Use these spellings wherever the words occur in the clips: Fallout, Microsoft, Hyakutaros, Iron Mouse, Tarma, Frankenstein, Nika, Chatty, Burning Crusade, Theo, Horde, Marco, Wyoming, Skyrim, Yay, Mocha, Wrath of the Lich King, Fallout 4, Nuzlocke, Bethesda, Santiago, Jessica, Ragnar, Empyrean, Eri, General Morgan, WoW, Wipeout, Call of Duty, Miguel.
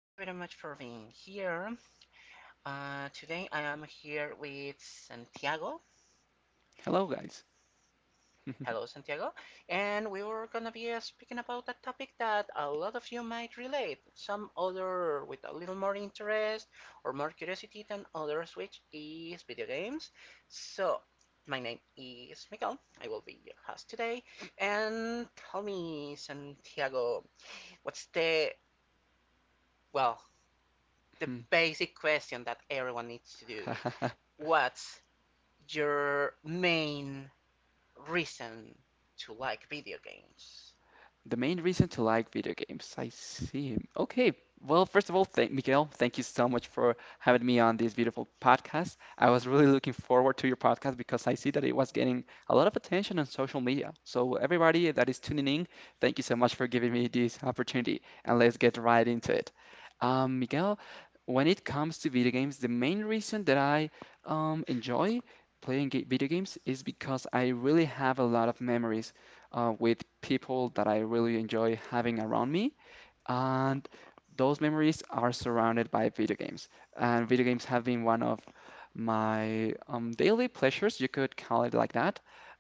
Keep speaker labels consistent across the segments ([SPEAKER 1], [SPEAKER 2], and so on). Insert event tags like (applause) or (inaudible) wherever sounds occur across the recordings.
[SPEAKER 1] thank you very much for being here. Today I am here with Santiago.
[SPEAKER 2] Hello, guys.
[SPEAKER 1] Hello Santiago, and we were gonna be speaking about a topic that a lot of you might relate, some other with a little more interest or more curiosity than others, which is video games. So, my name is Miguel, I will be your host today, and tell me Santiago, what's the, well, the basic question that everyone needs to do?
[SPEAKER 2] (laughs)
[SPEAKER 1] What's your main reason to like video games?
[SPEAKER 2] The main reason to like video games. I see. Okay. Well, first of all, thank Miguel. Thank you so much for having me on this beautiful podcast. I was really looking forward to your podcast because I see that it was getting a lot of attention on social media. So everybody that is tuning in, thank you so much for giving me this opportunity, and let's get right into it. Miguel, when it comes to video games, the main reason that I enjoy playing video games is because I really have a lot of memories with people that I really enjoy having around me. And those memories are surrounded by video games. And video games have been one of my daily pleasures, you could call it like that.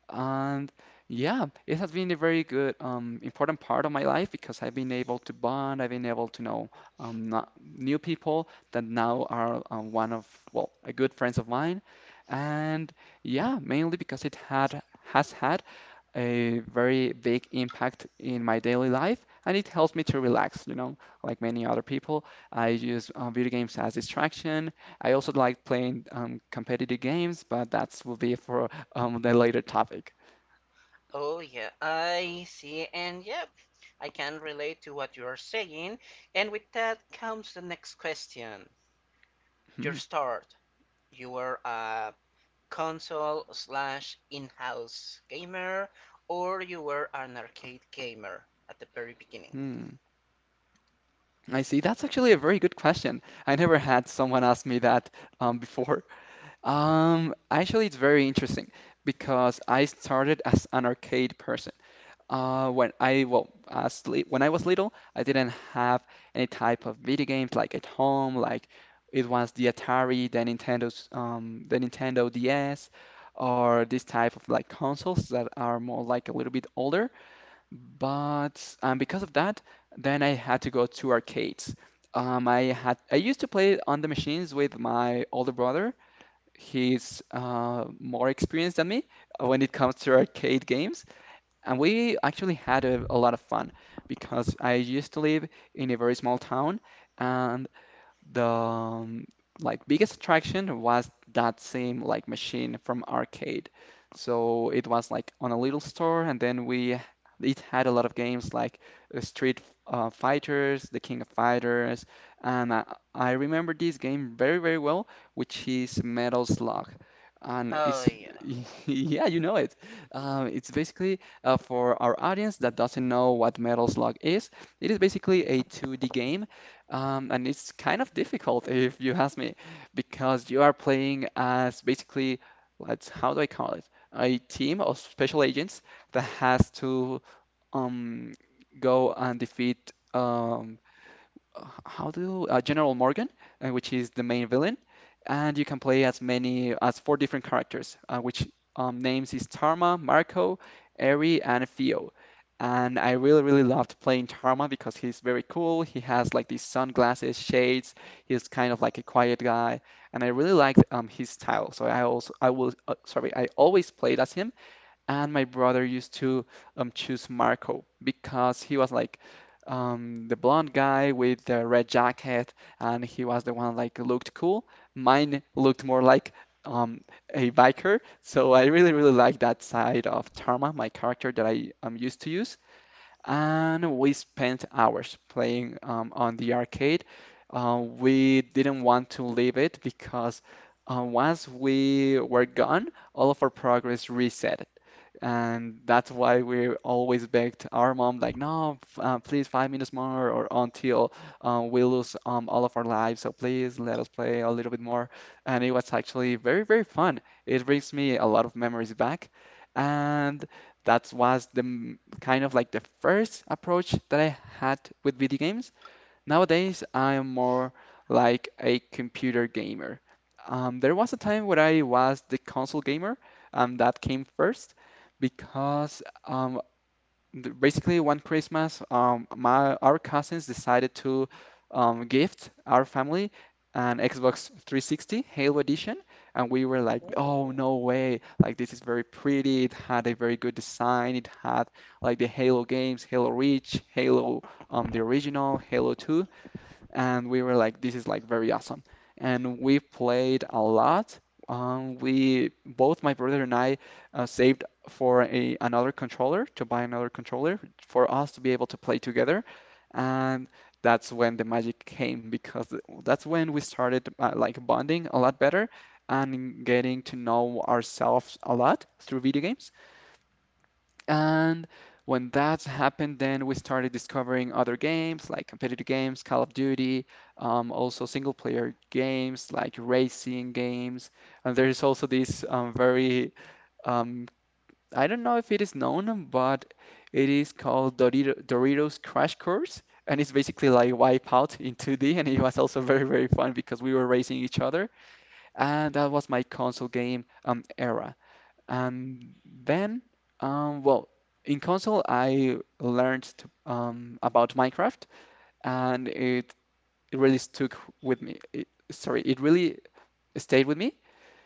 [SPEAKER 2] And yeah, it has been a very good, important part of my life because I've been able to bond, I've been able to know new people that now are a good friends of mine. And yeah, mainly because it had has had a very big impact in my daily life, and it helps me to relax, you know, like many other people. I use video games as distraction. I also like playing competitive games, but that will be for the later topic.
[SPEAKER 1] Oh, yeah, I see, and yep, I can relate to what you are saying. And with that comes the next question. Your
[SPEAKER 2] Hmm,
[SPEAKER 1] start. You were a console slash in-house gamer, or you were an arcade gamer at the very beginning.
[SPEAKER 2] hmm. I see. That's actually a very good question. I never had someone ask me that before. Actually, it's very interesting because I started as an arcade person. When I well, as li- When I was little, I didn't have any type of video games like at home. Like it was the Atari, the Nintendo's, the Nintendo DS, or this type of like consoles that are more like a little bit older. But because of that, then I had to go to arcades. I used to play on the machines with my older brother. He's more experienced than me when it comes to arcade games. And we actually had a lot of fun because I used to live in a very small town, and the like biggest attraction was that same like machine from arcade. So it was like on a little store, and then we it had a lot of games like Street Fighters, The King of Fighters, and I remember this game very very well, which is Metal Slug. And
[SPEAKER 1] Oh,
[SPEAKER 2] it's,
[SPEAKER 1] yeah.
[SPEAKER 2] (laughs) yeah, you know it. It's basically for our audience that doesn't know what Metal Slug is, it is basically a 2D game and it's kind of difficult if you ask me, because you are playing as basically, let's, how do I call it? A team of special agents that has to um, go and defeat how do General Morgan, which is the main villain, and you can play as many as four different characters, which names is Tarma, Marco, Eri, and Theo. And I really, really loved playing Tarma because he's very cool. He has like these sunglasses, shades. He's kind of like a quiet guy, and I really liked his style. So I also, I will, sorry, I always played as him, and my brother used to choose Marco because he was like the blonde guy with the red jacket, and he was the one like looked cool. Mine looked more like um, a biker, so I really really like that side of Tarma, my character that I am used to use. And we spent hours playing on the arcade. We didn't want to leave it because once we were gone, all of our progress reset. And that's why we always begged our mom, like, no, f- please, 5 minutes more, or until we lose all of our lives. So please let us play a little bit more. And it was actually very, very fun. It brings me a lot of memories back. And that was the kind of like the first approach that I had with video games. Nowadays, I am more like a computer gamer. There was a time where I was the console gamer, that came first because um, basically one Christmas, my our cousins decided to gift our family an Xbox 360 Halo Edition, and we were like, "Oh,
[SPEAKER 1] Ooh.
[SPEAKER 2] no way! Like this is very pretty. It had a very good design. It had like the Halo games, Halo Reach, Halo the original, Halo 2." And we were like, this is like very awesome. And we played a lot. We both My brother and I saved for a another controller to buy another controller for us to be able to play together, and that's when the magic came, because that's when we started like bonding a lot better and getting to know ourselves a lot through video games. And when that happened, then we started discovering other games like competitive games, Call of Duty, also single player games like racing games. And there is also this um, I don't know if it is known, but it is called Doritos Crash Course. And it's basically like Wipeout in 2D. And it was also very, very fun because we were racing each other. And that was my console game era. And then, um, well, in console, I learned about Minecraft, and it really stuck with me. It really stayed with me.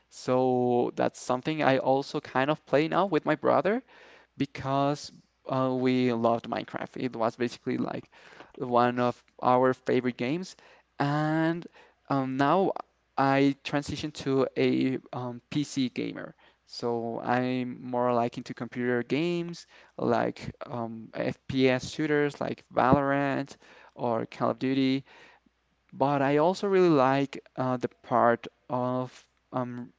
[SPEAKER 2] So that's something I also kind of play now with my brother because we loved Minecraft. It was basically like one of our favorite games. And now I transitioned to a PC gamer. So I'm more like into computer games, like FPS shooters like Valorant or Call of Duty. But I also really like the part of um,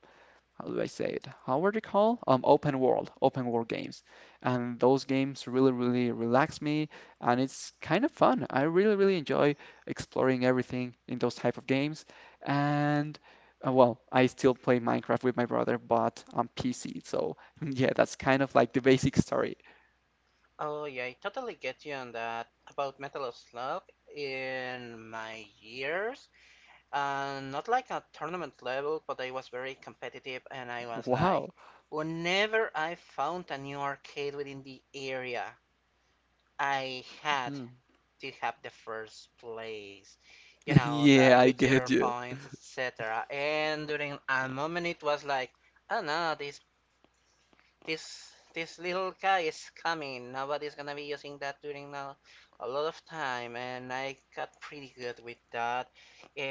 [SPEAKER 2] how do I say it? How are they called? Open world games. And those games really, really relax me, and it's kind of fun. I really, really enjoy exploring everything in those type of games. And well, I still play Minecraft with my brother, but on PC. So (laughs) yeah, that's kind of like the basic story.
[SPEAKER 1] Oh yeah, I totally get you on that about Metal Slug in my years. Not like a tournament level, but I was very competitive and I was like,
[SPEAKER 2] Wow.
[SPEAKER 1] whenever I found a new arcade within the area, I had
[SPEAKER 2] Mhm.
[SPEAKER 1] to have the first place. You
[SPEAKER 2] (laughs)
[SPEAKER 1] know,
[SPEAKER 2] Yeah,
[SPEAKER 1] like
[SPEAKER 2] I
[SPEAKER 1] with
[SPEAKER 2] get
[SPEAKER 1] your
[SPEAKER 2] you.
[SPEAKER 1] points, etc. And during a moment it was like, oh no, this this little guy is coming. Nobody's gonna be using that during a lot of time, and I got pretty good with that.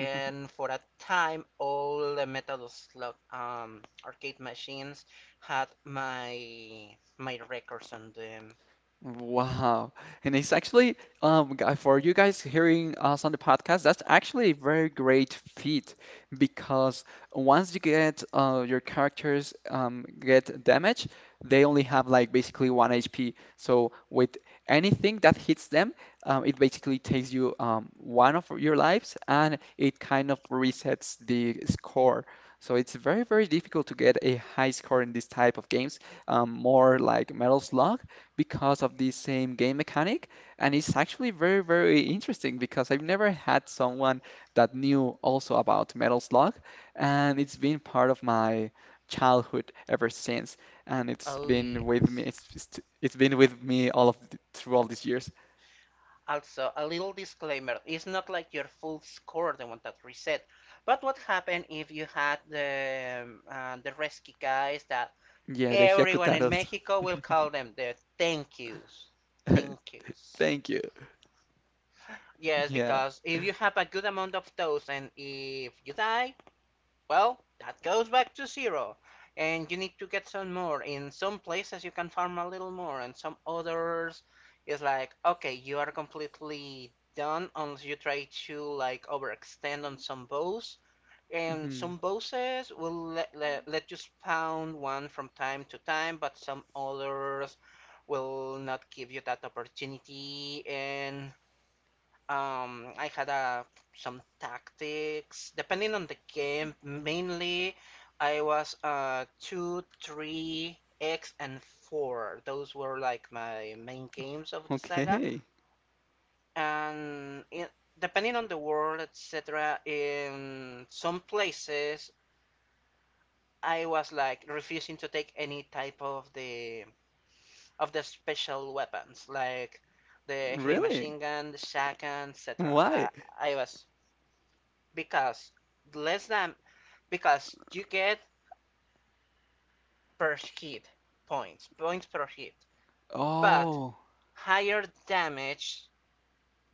[SPEAKER 2] (laughs)
[SPEAKER 1] for a time, all the metal slot arcade machines had my records on them.
[SPEAKER 2] Wow. And it's actually, for you guys hearing us on the podcast, that's actually a very great feat because once you get your characters get damaged, they only have like basically one HP. So with anything that hits them, it basically takes you one of your lives, and it kind of resets the score. So it's very, very difficult to get a high score in this type of games. More like Metal Slug because of the same game mechanic. And it's actually very, very interesting because I've never had someone that knew also about Metal Slug, and it's been part of my childhood ever since. And it's
[SPEAKER 1] Oh
[SPEAKER 2] been with me,
[SPEAKER 1] yes.
[SPEAKER 2] it's been with me all of th through all these years.
[SPEAKER 1] Also, a little disclaimer: it's not like your full score the one that reset. But what happened if you had the rescue guys that.
[SPEAKER 2] Yeah, the
[SPEAKER 1] Everyone in
[SPEAKER 2] Hyakutaros.
[SPEAKER 1] Mexico will call them their thank yous.
[SPEAKER 2] (laughs)
[SPEAKER 1] Thank yous.
[SPEAKER 2] Thank you.
[SPEAKER 1] Yes,
[SPEAKER 2] Yeah.
[SPEAKER 1] because if you have a good amount of those and if you die, well, that goes back to zero. And you need to get some more. In some places, you can farm a little more, and some others, is like, okay, you are completely done unless you try to like overextend on some bows, and
[SPEAKER 2] Mhm.
[SPEAKER 1] some bosses will let you spawn one from time to time, but some others will not give you that opportunity. And I had some tactics depending on the game. Mainly, I was 2, 3, X, and 4. Those were like my main games of the saga.
[SPEAKER 2] Okay.
[SPEAKER 1] And it, depending on the world, etc., in some places I was like refusing to take any type of the special weapons like the heavy
[SPEAKER 2] Really?
[SPEAKER 1] machine gun, the shotgun, etc. I,
[SPEAKER 2] Why?
[SPEAKER 1] I was, because less than, because you get per hit points, points per hit, but
[SPEAKER 2] Oh,
[SPEAKER 1] higher damage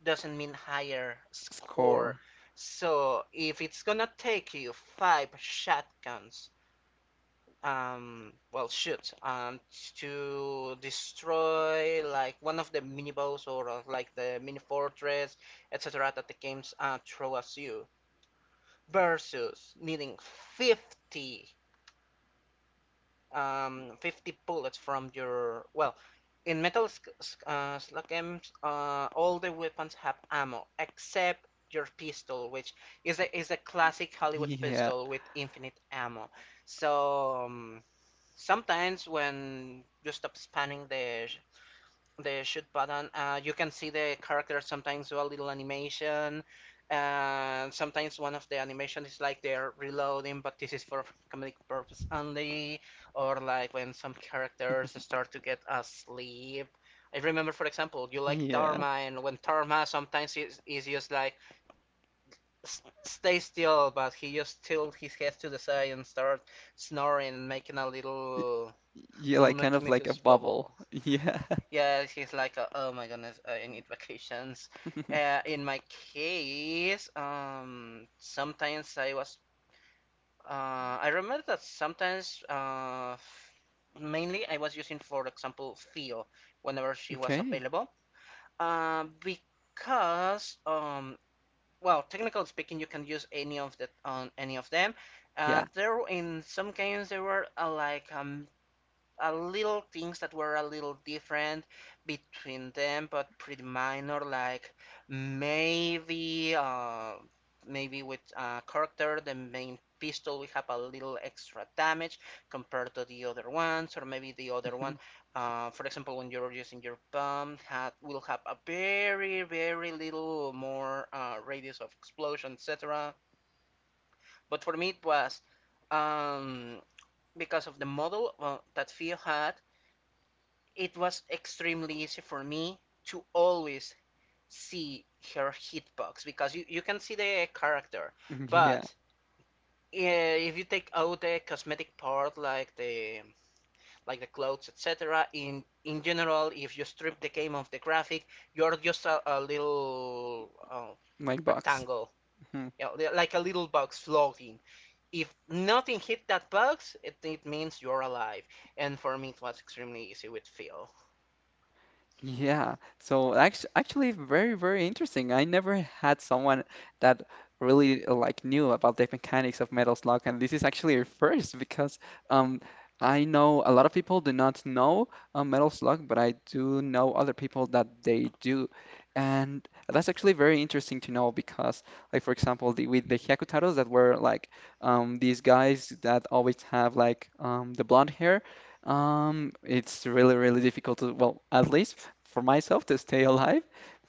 [SPEAKER 1] doesn't mean higher score.
[SPEAKER 2] score.
[SPEAKER 1] So if it's gonna take you five shotguns, well shoot to destroy like one of the mini boss or like the mini fortress, etc, that the games throw at you, versus needing 50 um 50 bullets from your, well, in metal slug games, all the weapons have ammo except your pistol, which is a classic Hollywood
[SPEAKER 2] Yeah.
[SPEAKER 1] pistol with infinite ammo. So sometimes when you stop spamming the shoot button, you can see the character sometimes do a little animation, and sometimes one of the animation is like they're reloading, but this is for comedic purpose only, or like when some characters
[SPEAKER 2] (laughs)
[SPEAKER 1] start to get asleep. I remember, for example, you like
[SPEAKER 2] Yeah.
[SPEAKER 1] Dharma, and when Dharma sometimes is just like, stay still," but he just tilt his head to the side and start snoring, making a little,
[SPEAKER 2] Yeah,
[SPEAKER 1] will
[SPEAKER 2] like kind of
[SPEAKER 1] make
[SPEAKER 2] like a
[SPEAKER 1] us
[SPEAKER 2] bubble.
[SPEAKER 1] bubble.
[SPEAKER 2] (laughs) Yeah.
[SPEAKER 1] Yeah, he's like, oh my goodness, I need vacations.
[SPEAKER 2] (laughs)
[SPEAKER 1] In my case, sometimes I was, uh, I remember that sometimes, mainly I was using, for example, Theo whenever she was
[SPEAKER 2] Okay.
[SPEAKER 1] available, because, well, technically speaking, you can use any of that on any of them. Uh,
[SPEAKER 2] Yeah.
[SPEAKER 1] there in some games there were like a little things that were a little different between them, but pretty minor. Like maybe, maybe with a character, the main pistol we have a little extra damage compared to the other ones, or maybe the other
[SPEAKER 2] Mhm.
[SPEAKER 1] one, for example, when you're using your pump, had will have a very very little more radius of explosion, etc. But for me, it was um, because of the model that Fio had, it was extremely easy for me to always see her hitbox, because you can see the character,
[SPEAKER 2] Yeah.
[SPEAKER 1] but if you take out the cosmetic part, like the clothes, etc, in general, if you strip the game of the graphic, you're just a little
[SPEAKER 2] Like box.
[SPEAKER 1] rectangle,
[SPEAKER 2] Mm-hmm.
[SPEAKER 1] you know, like a little box floating. If nothing hit that box, it means you're alive, and for me it was extremely easy with phil.
[SPEAKER 2] Yeah, so actually very, very interesting. I never had someone that really like knew about the mechanics of Metal Slug, and this is actually a first because um, I know a lot of people do not know Metal Slug, but I do know other people that they do, and that's actually very interesting to know because, like for example, with the Hyakutaros that were like these guys that always have like the blonde hair, it's really, really difficult to, well, at least for myself to stay alive,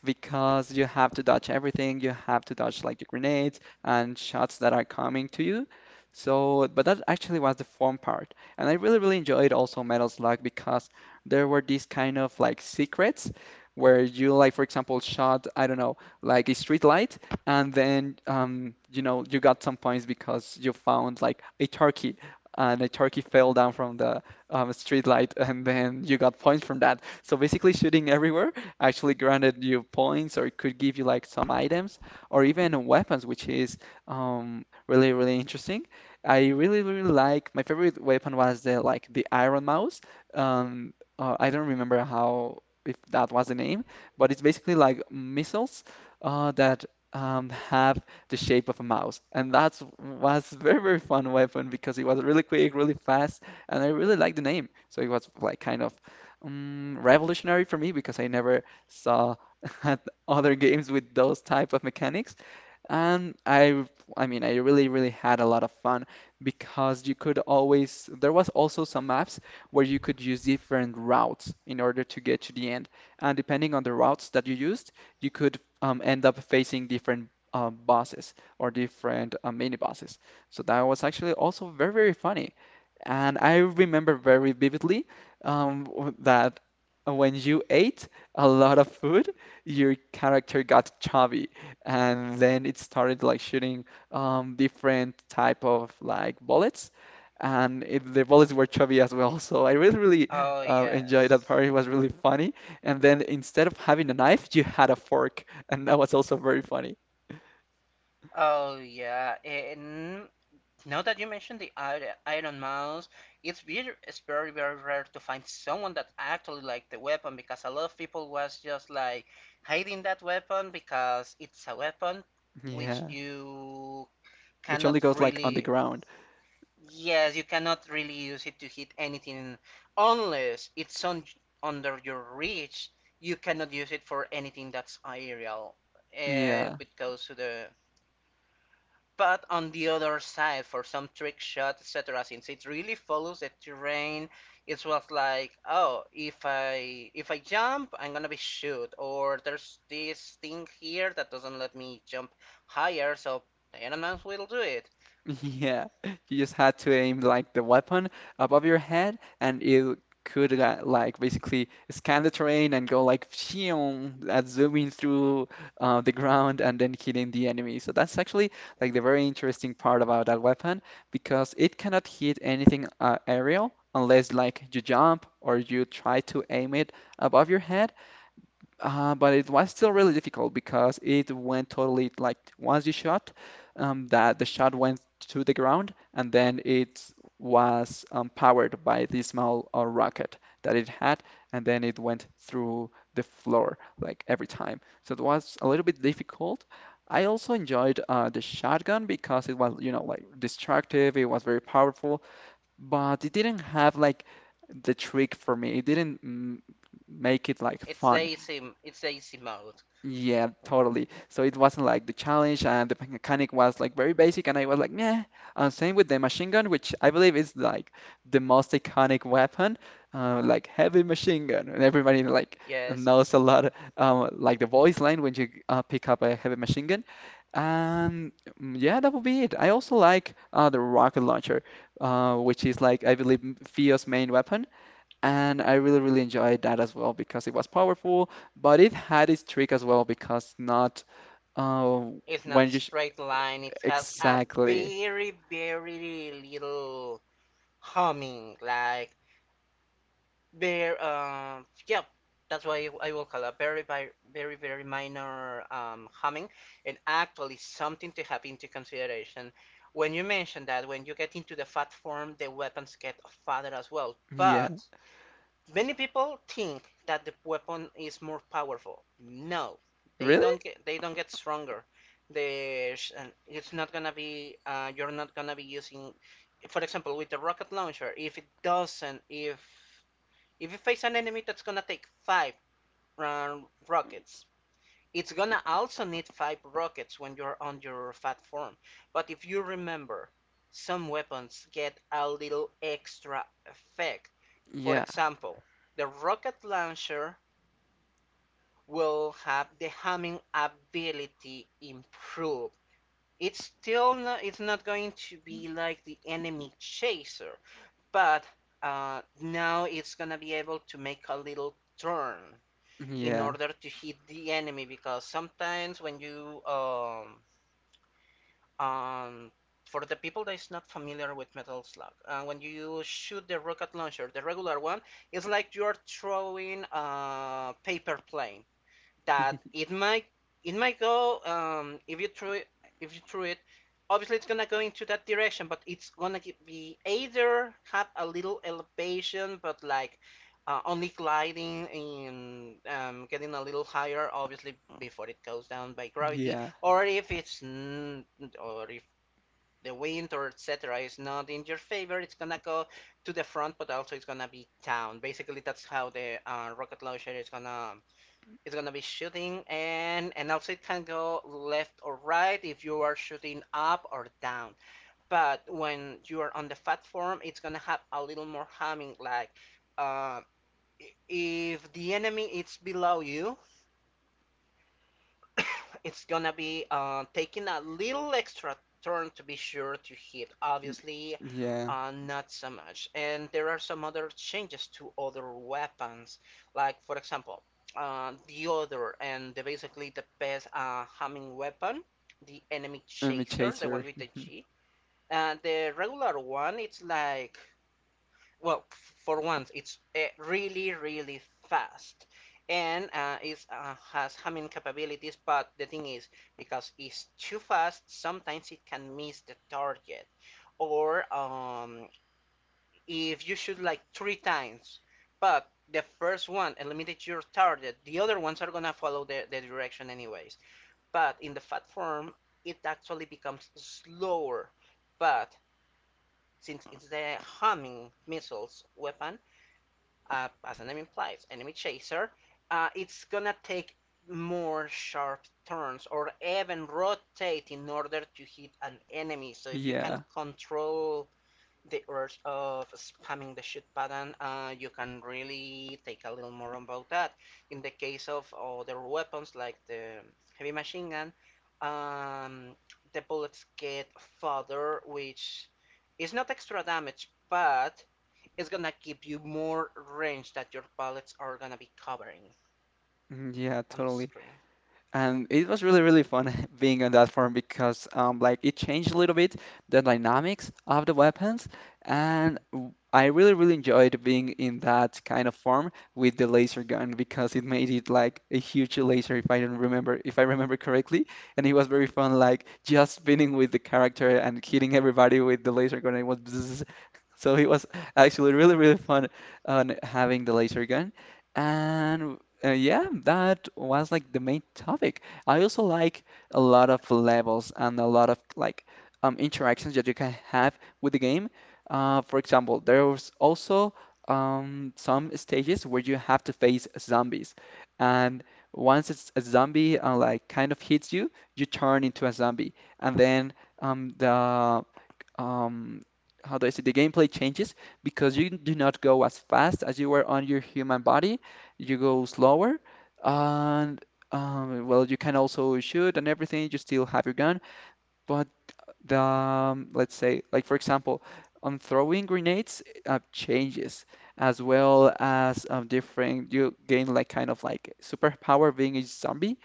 [SPEAKER 2] because you have to dodge everything. You have to dodge like the grenades and shots that are coming to you. So, but that actually was the fun part. And I really, really enjoyed also Metal Slug because there were these kind of like secrets where you like, for example, shot, I don't know, like a street light, and then, you know, you got some points because you found like a turkey, and a turkey fell down from the street light, (laughs) and then you got points from that. So basically, shooting everywhere actually granted you points, or it could give you like some items, or even weapons, which is really really interesting. I really really like my favorite weapon was the like the iron mouse. Um, I don't remember how if that was the name, but it's basically like missiles that have the shape of a mouse, and that's was very very fun weapon because it was really quick, really fast and I really liked the name. So it was like kind of revolutionary for me because I never saw (laughs) other games with those type of mechanics. And I, I mean, I really, really had a lot of fun because you could always. There was also some maps where you could use different routes in order to get to the end, and depending on the routes that you used, you could end up facing different bosses or different mini bosses. So that was actually also very, very funny. And I remember very vividly that when you ate a lot of food, your character got chubby, and then it started like shooting different type of like bullets, and the bullets were chubby as well. So I really, really
[SPEAKER 1] Oh
[SPEAKER 2] enjoyed that
[SPEAKER 1] yes.
[SPEAKER 2] part. It was really funny. And then instead of having a knife, you had a fork, and that was also very funny.
[SPEAKER 1] Oh yeah, and now that you mentioned the Iron Mouse, it's very very rare to find someone that actually liked the weapon, because a lot of people was just like hiding that weapon, because it's a weapon which
[SPEAKER 2] Yeah,
[SPEAKER 1] you
[SPEAKER 2] which only
[SPEAKER 1] cannot
[SPEAKER 2] goes like on the
[SPEAKER 1] really.
[SPEAKER 2] ground.
[SPEAKER 1] Yes, you cannot really use it to hit anything unless it's on, under your reach. You cannot use it for anything that's aerial.
[SPEAKER 2] Yeah.
[SPEAKER 1] Which goes to the But on the other side, for some trick shot, etc., since it really follows the terrain, it was like, oh, if I jump, I'm gonna be shoot, or there's this thing here that doesn't let me jump higher, so the Dynamax will do it.
[SPEAKER 2] (laughs) Yeah, you just had to aim like the weapon above your head, and it could like basically scan the terrain and go like pshiong, zooming through the ground and then hitting the enemy. So that's actually like the very interesting part about that weapon because it cannot hit anything aerial unless like you jump or you try to aim it above your head. But it was still really difficult because it went totally like once you shot, that the shot went to the ground and then it was powered by this small rocket that it had, and then it went through the floor like every time. So it was a little bit difficult. I also enjoyed the shotgun because it was, you know, like destructive. It was very powerful, but it didn't have like the trick for me. It didn't make it like fun.
[SPEAKER 1] It's the easy mode.
[SPEAKER 2] Yeah, totally. So it wasn't like the challenge and the mechanic was like very basic and I was like, meh. And same with the machine gun, which I believe is like the most iconic weapon, like heavy machine gun. And everybody like
[SPEAKER 1] Yes,
[SPEAKER 2] knows a lot, like the voice line when you pick up a heavy machine gun. And yeah, that would be it. I also like the rocket launcher, which is like, I believe, Fio's main weapon. And I really, really enjoyed that as well because it was powerful, but it had its trick as well because not uh,
[SPEAKER 1] it's not
[SPEAKER 2] when you sh
[SPEAKER 1] straight line. It has a
[SPEAKER 2] exactly.
[SPEAKER 1] very little humming, like. Very, yeah, that's why I will call a very, very minor humming, and actually something to have into consideration. When you mention that, when you get into the fat form, the weapons get fatter as well.
[SPEAKER 2] Yeah.
[SPEAKER 1] But many people think that the weapon is more powerful. No,
[SPEAKER 2] Really?
[SPEAKER 1] they don't get stronger. There's, and it's not gonna be, you're not gonna be using, for example, with the rocket launcher. If it doesn't, if you face an enemy that's gonna take five uh, rockets, it's gonna also need five rockets when you're on your fat form. But if you remember, some weapons get a little extra effect. For
[SPEAKER 2] Yeah.
[SPEAKER 1] example, the rocket launcher will have the homing ability improved. It's still not, it's not going to be like the enemy chaser, but now it's gonna be able to make a little turn in
[SPEAKER 2] Yeah.
[SPEAKER 1] order to hit the enemy, because sometimes when you um for the people that is not familiar with Metal Slug, when you shoot the rocket launcher, the regular one, it's like you are throwing a paper plane, that
[SPEAKER 2] (laughs)
[SPEAKER 1] it might go, if you threw it, obviously it's gonna go into that direction, but it's gonna be, either have a little elevation but like only gliding in, getting a little higher obviously before it goes down by gravity,
[SPEAKER 2] Yeah.
[SPEAKER 1] or if the wind or etc is not in your favor, it's gonna go to the front, but also it's gonna be down. Basically that's how the rocket launcher is gonna it's gonna be shooting, and also it can go left or right if you are shooting up or down. But when you are on the fat form, it's gonna have a little more humming. Like uh, if the enemy is below you, (coughs) it's gonna be taking a little extra turn to be sure to hit. Obviously,
[SPEAKER 2] Yeah.
[SPEAKER 1] not so much. And there are some other changes to other weapons, like for example, the other, and the, basically the best homing weapon, the enemy
[SPEAKER 2] I'm a
[SPEAKER 1] chaser, the one
[SPEAKER 2] chaser.
[SPEAKER 1] with the
[SPEAKER 2] (laughs)
[SPEAKER 1] G. And the regular one, it's like, well, for once, it's really, really fast, and it has humming capabilities. But the thing is, because it's too fast, sometimes it can miss the target, or if you shoot like three times, but the first one eliminates your target, the other ones are gonna follow the direction anyways. But in the fat form, it actually becomes slower. But since it's the homing missiles weapon, as the name implies, enemy chaser, it's gonna take more sharp turns or even rotate in order to hit an enemy. So if you can
[SPEAKER 2] Yeah.
[SPEAKER 1] control the urge of spamming the shoot button, you can really take a little more about that. In the case of other weapons like the heavy machine gun, um, the bullets get further, which is not extra damage, but it's gonna give you more range that your bullets are gonna be covering
[SPEAKER 2] Yeah,
[SPEAKER 1] on the
[SPEAKER 2] totally.
[SPEAKER 1] screen.
[SPEAKER 2] And it was really, really fun (laughs) being on that farm because like it changed a little bit the dynamics of the weapons, and I really, really enjoyed being in that kind of farm with the laser gun because it made it like a huge laser, if I don't remember, if I remember correctly, and it was very fun, like just spinning with the character and hitting everybody with the laser gun. And it was (laughs) (laughs) So it was actually really, really fun on having the laser gun. And yeah, that was like the main topic. I also like a lot of levels and a lot of like interactions that you can have with the game. For example, there was also some stages where you have to face zombies. And once it's a zombie like kind of hits you, you turn into a zombie. And then the um how do I say the gameplay changes because you do not go as fast as you were on your human body. You go slower and well you can also shoot and everything, you still have your gun, but the let's say like for example on throwing grenades changes as well as different you gain like kind of like superpower being a zombie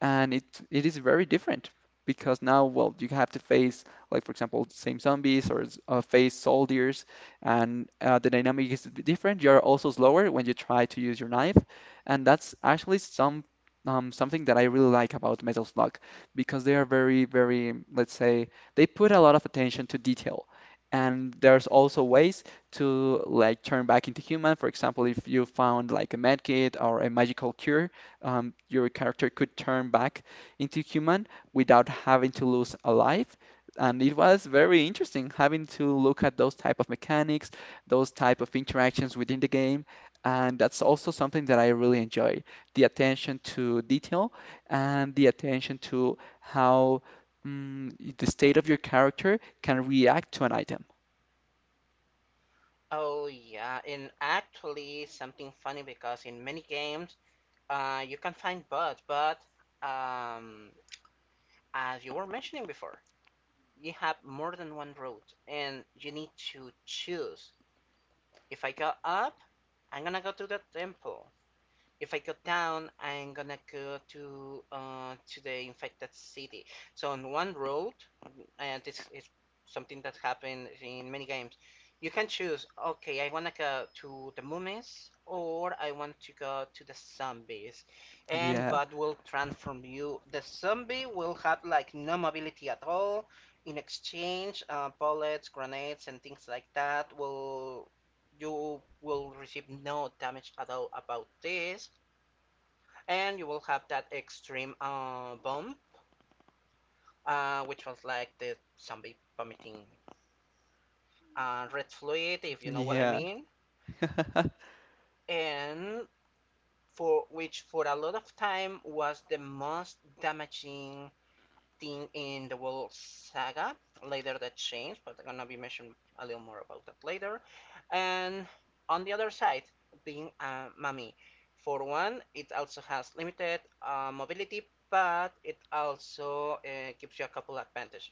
[SPEAKER 2] and it is very different because now, well, you have to face, like for example, same zombies or face soldiers, and the dynamic is different. You're also slower when you try to use your knife, and that's actually something that I really like about Metal Slug because they are very, very, let's say, they put a lot of attention to detail. And there's also ways to like turn back into human. For example, if you found like a medkit or a magical cure, your character could turn back into human without having to lose a life. And it was very interesting having to look at those type of mechanics, those type of interactions within the game. And that's also something that I really enjoy, the attention to detail and the attention to how mm, the state of your character can react to an item.
[SPEAKER 1] Oh yeah, and actually something funny because in many games you can find bots, but um, as you were mentioning before, you have more than one route, and you need to choose. If I go up, I'm gonna go to the temple if I go down, I'm gonna go to the infected city. So on one road, and this is something that happens in many games. You can choose. Okay, I wanna go to the mummies, or I want to go to the zombies. And
[SPEAKER 2] Yeah,
[SPEAKER 1] but will transform you. The zombie will have like no mobility at all. In exchange, bullets, grenades, and things like that will you will receive no damage at all about this and you will have that extreme bomb, which was like the zombie vomiting red fluid, if you know what I
[SPEAKER 2] yeah,
[SPEAKER 1] mean,
[SPEAKER 2] (laughs)
[SPEAKER 1] and for which for a lot of time was the most damaging thing in the World Saga. Later that changed, but I'm gonna be mentioning a little more about that later. And on the other side, being a mummy. For one, it also has limited mobility, but it also gives you a couple advantages.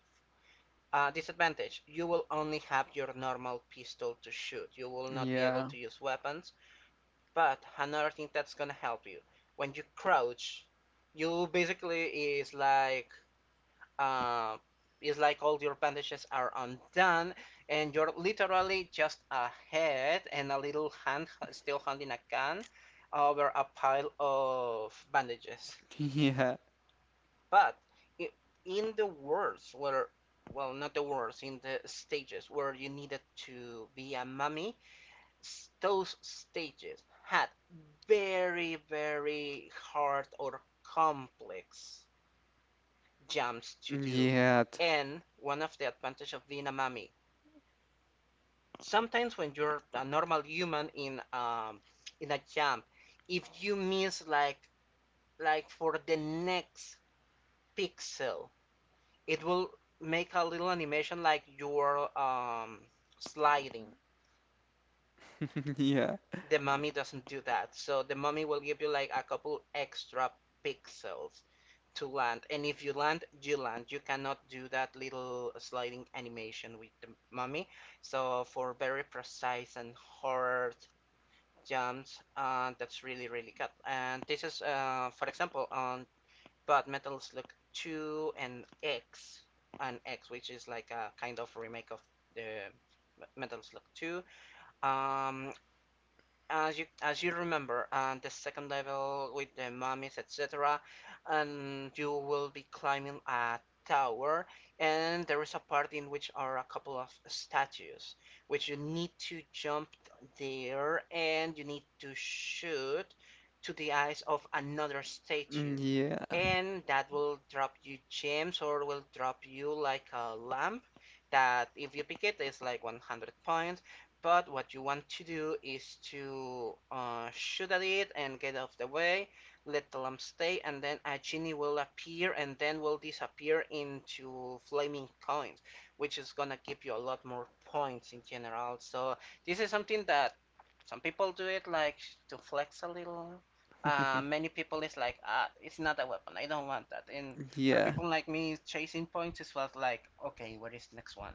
[SPEAKER 1] Disadvantage, you will only have your normal pistol to shoot. You will not be able
[SPEAKER 2] yeah,
[SPEAKER 1] to use weapons. But another thing that's gonna help you, when you crouch, you basically is like uh, it's like all your bandages are undone and you're literally just a head and a little hand still holding a gun over a pile of bandages.
[SPEAKER 2] yeah,
[SPEAKER 1] But in the worlds where, well, not the worlds, in the stages where you needed to be a mummy, those stages had very, very hard or complex jumps to do.
[SPEAKER 2] yeah,
[SPEAKER 1] And one of the advantage of being a mummy, sometimes when you're a normal human in a jump, if you miss like for the next pixel, it will make a little animation like you're sliding.
[SPEAKER 2] (laughs) yeah.
[SPEAKER 1] The mummy doesn't do that, so the mummy will give you like a couple extra pixels to land. And if you land, you land. You cannot do that little sliding animation with the mummy. So for very precise and hard jumps, that's really really good. And this is, for example, on Bad Metal Slug 2 and X, which is like a kind of remake of the Metal Slug 2. Um, as you remember and the second level with the mummies etc and you will be climbing a tower and there is a part in which are a couple of statues which you need to jump there and you need to shoot to the eyes of another
[SPEAKER 2] Mm,
[SPEAKER 1] statue
[SPEAKER 2] yeah.
[SPEAKER 1] and that will drop you gems or will drop you like a lamp that if you pick it is like 100 points, but what you want to do is to shoot at it and get out of the way, let the lamp stay, and then a genie will appear and then will disappear into flaming coins, which is gonna give you a lot more points in general. So this is something that some people do it like to flex a little.
[SPEAKER 2] (laughs)
[SPEAKER 1] Many people is like, ah, it's not a weapon. I don't want that. And for
[SPEAKER 2] Yeah.
[SPEAKER 1] people like me, chasing points is felt like, okay, where is the next one?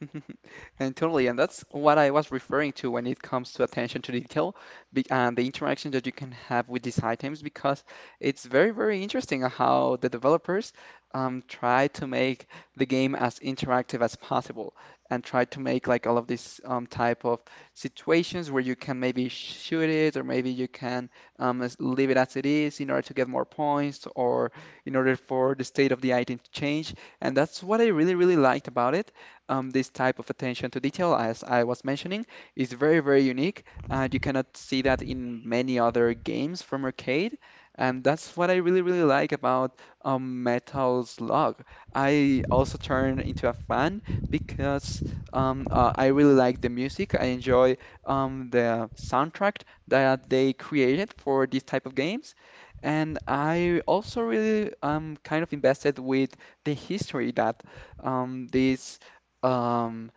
[SPEAKER 2] (laughs) And totally, and that's what I was referring to when it comes to attention to detail and the interaction that you can have with these items, because it's very, very interesting how the developers try to make the game as interactive as possible and try to make like all of these type of situations where you can maybe shoot it or maybe you can leave it as it is in order to get more points or in order for the state of the item to change. And that's what I really, really liked about it this type of attention to detail, as I was mentioning, is very, very unique. You cannot see that in many other games from arcade, and that's what I really, really like about Metal Slug. I also turned into a fan because I really like the music. I enjoy the soundtrack that they created for these type of games. And I also really kind of invested with the history that these um,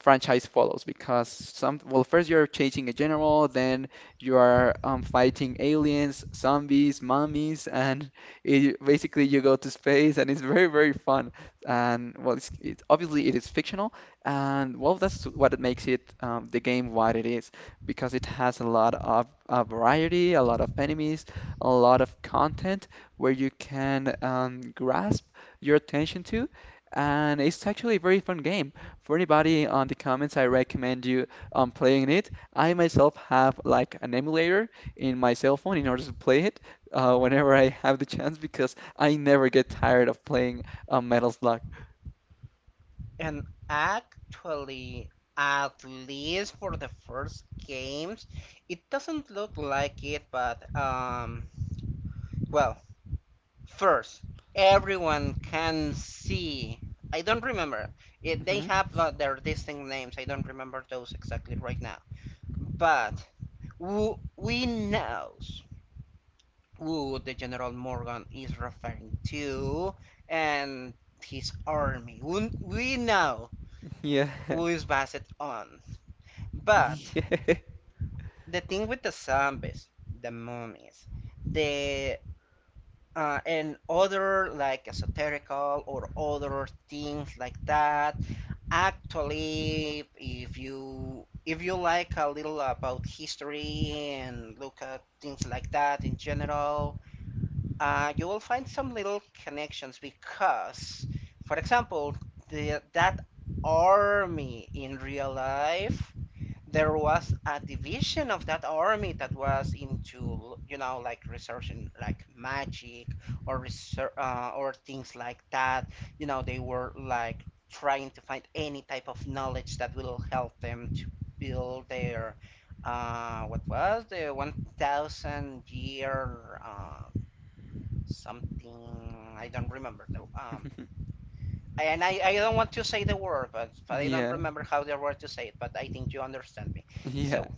[SPEAKER 2] franchise follows because some well first you're chasing a general then you are fighting aliens zombies mummies and basically you go to space and it's very very fun and it's obviously it is fictional and well that's what it makes it, the game what it is because it has a lot of variety a lot of enemies a lot of content where you can grasp your attention to and it's actually a very fun game for anybody on the comments, I recommend you playing it. I myself have like an emulator in my cell phone in order to play it whenever I have the chance because I never get tired of playing Metal Slug.
[SPEAKER 1] And actually, at least for the first games, it doesn't look like it, but well, first, everyone can see. I don't remember. They
[SPEAKER 2] Hmm.
[SPEAKER 1] have their distinct names. I don't remember those exactly right now. But who we knows who the General Morgan is referring to and his army. We know
[SPEAKER 2] Yeah.
[SPEAKER 1] who
[SPEAKER 2] (laughs)
[SPEAKER 1] is based on. But
[SPEAKER 2] Yeah.
[SPEAKER 1] the thing with the zombies, the mummies, the and other like esoterical or other things like that. Actually, if you like a little about history and look at things like that in general, you will find some little connections because, for example, that army in real life there was a division of that army that was into you know like research in like magic or research or things like that. You know they were like trying to find any type of knowledge that will help them to build their what was the 1000 year something I don't remember the
[SPEAKER 2] (laughs)
[SPEAKER 1] and I don't want to say the word but, I don't
[SPEAKER 2] Yeah.
[SPEAKER 1] remember how the word to say it but I think you understand me.
[SPEAKER 2] Yeah.
[SPEAKER 1] so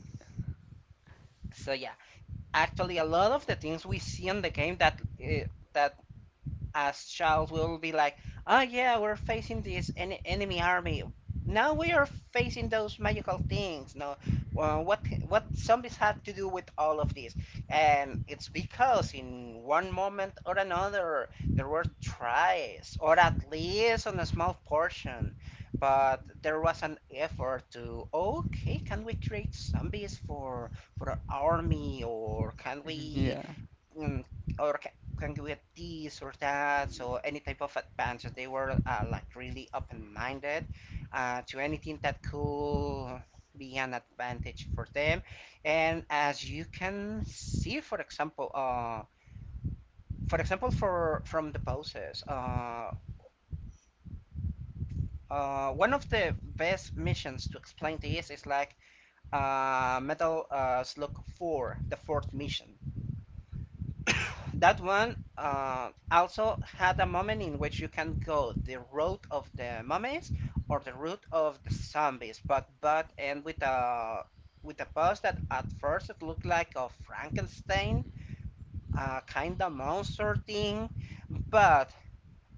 [SPEAKER 1] so yeah, actually, a lot of the things we see in the game that that as child we will be like, oh yeah, we're facing this enemy army. Now we are facing those magical things. No, well, what zombies have to do with all of this? And it's because in one moment or another there were tries, or at least on a small portion, but there was an effort to okay, can we create zombies for our army, or can we
[SPEAKER 2] Yeah.
[SPEAKER 1] mm, or can we get this or that? So any type of advance. They were like really open-minded to anything that could be an advantage for them. And as you can see, for example, for from the poses, one of the best missions to explain this is like Metal Slug 4, the fourth mission. That one also had a moment in which you can go the route of the mummies or the route of the zombies, but and with a boss that at first it looked like a Frankenstein kind of monster thing, but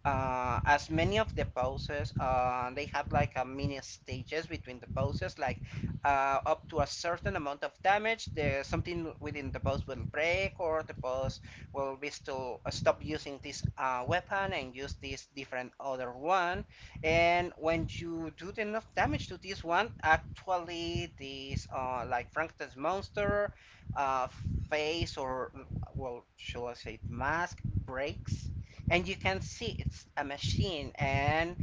[SPEAKER 1] as many of the poses, they have like a mini stages between the poses, like up to a certain amount of damage, the something within the pose will break, or the pose will be still stop using this weapon and use this different other one. And when you do enough damage to this one, actually this like Frankenstein's monster uh, face or well, shall I say mask breaks and you can see it's a machine and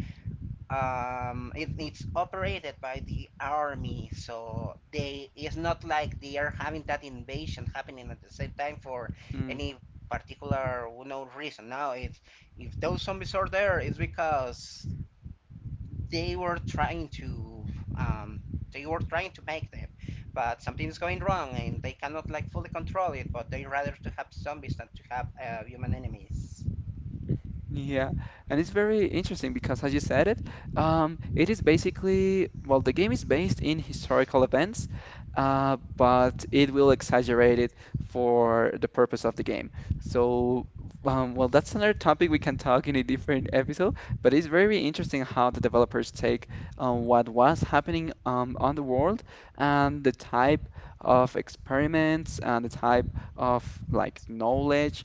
[SPEAKER 1] it's operated by the army so they it's not like they are having that invasion happening at the same time for
[SPEAKER 2] Hmm.
[SPEAKER 1] any particular no reason now it's if those zombies are there it's because they were trying to um make them but something is going wrong and they cannot like fully control it but they rather to have zombies than to have human enemies.
[SPEAKER 2] Yeah, and it's very interesting because, as you said it, it is basically, well, the game is based in historical events, but it will exaggerate it for the purpose of the game. So, well, that's another topic we can talk in a different episode, but it's very interesting how the developers take what was happening on the world and the type of experiments and the type of like knowledge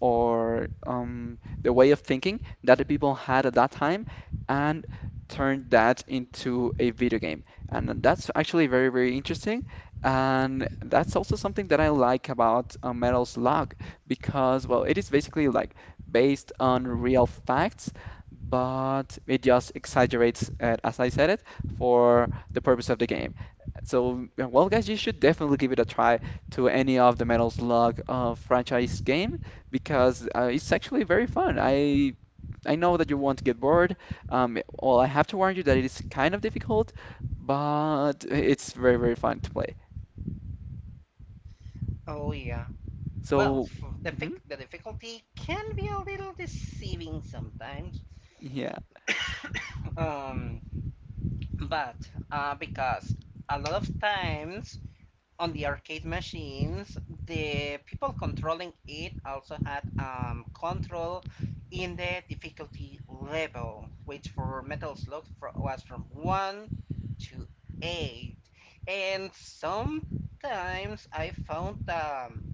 [SPEAKER 2] or the way of thinking that the people had at that time and turned that into a video game. And that's actually very, very interesting. And that's also something that I like about Metal Slug because, well, it is basically like based on real facts, but it just exaggerates it, as I said it, for the purpose of the game. So, yeah, well, guys, you should definitely give it a try to any of the Metal Slug franchise game because it's actually very fun. I know that you won't get bored. Well, I have to warn you that it is kind of difficult, but it's very, very fun to play.
[SPEAKER 1] Oh yeah. Well,
[SPEAKER 2] So,
[SPEAKER 1] f- the,
[SPEAKER 2] mhm,
[SPEAKER 1] fic- the difficulty can be a little deceiving sometimes.
[SPEAKER 2] yeah.
[SPEAKER 1] (coughs) um, but because a lot of times on the arcade machines, the people controlling it also had control in the difficulty level, which for Metal Slug was from 1 to 8. And sometimes I found um,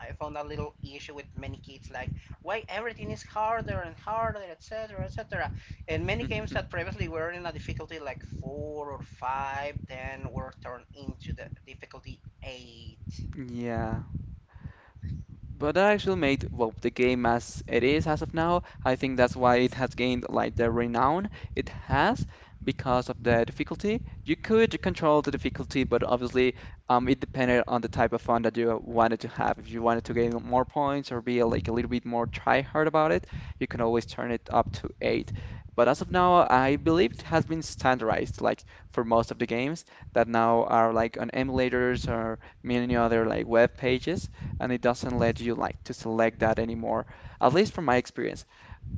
[SPEAKER 1] I found a little issue with many kids, like why everything is harder and harder, etc., etc. And many games that
[SPEAKER 2] (laughs)
[SPEAKER 1] previously were in a difficulty like four or five, then were turned into the difficulty Eight.
[SPEAKER 2] Yeah. But that actually made well the game as it is as of now. I think that's why it has gained like the renown it has because of the difficulty. You could control the difficulty, but obviously it depended on the type of fun that you wanted to have. If you wanted to gain more points or be like a little bit more try hard about it, you can always turn it up to eight. But as of now, I believe it has been standardized like for most of the games that now are like on emulators or many other like web pages and it doesn't let you like to select that anymore, at least from my experience.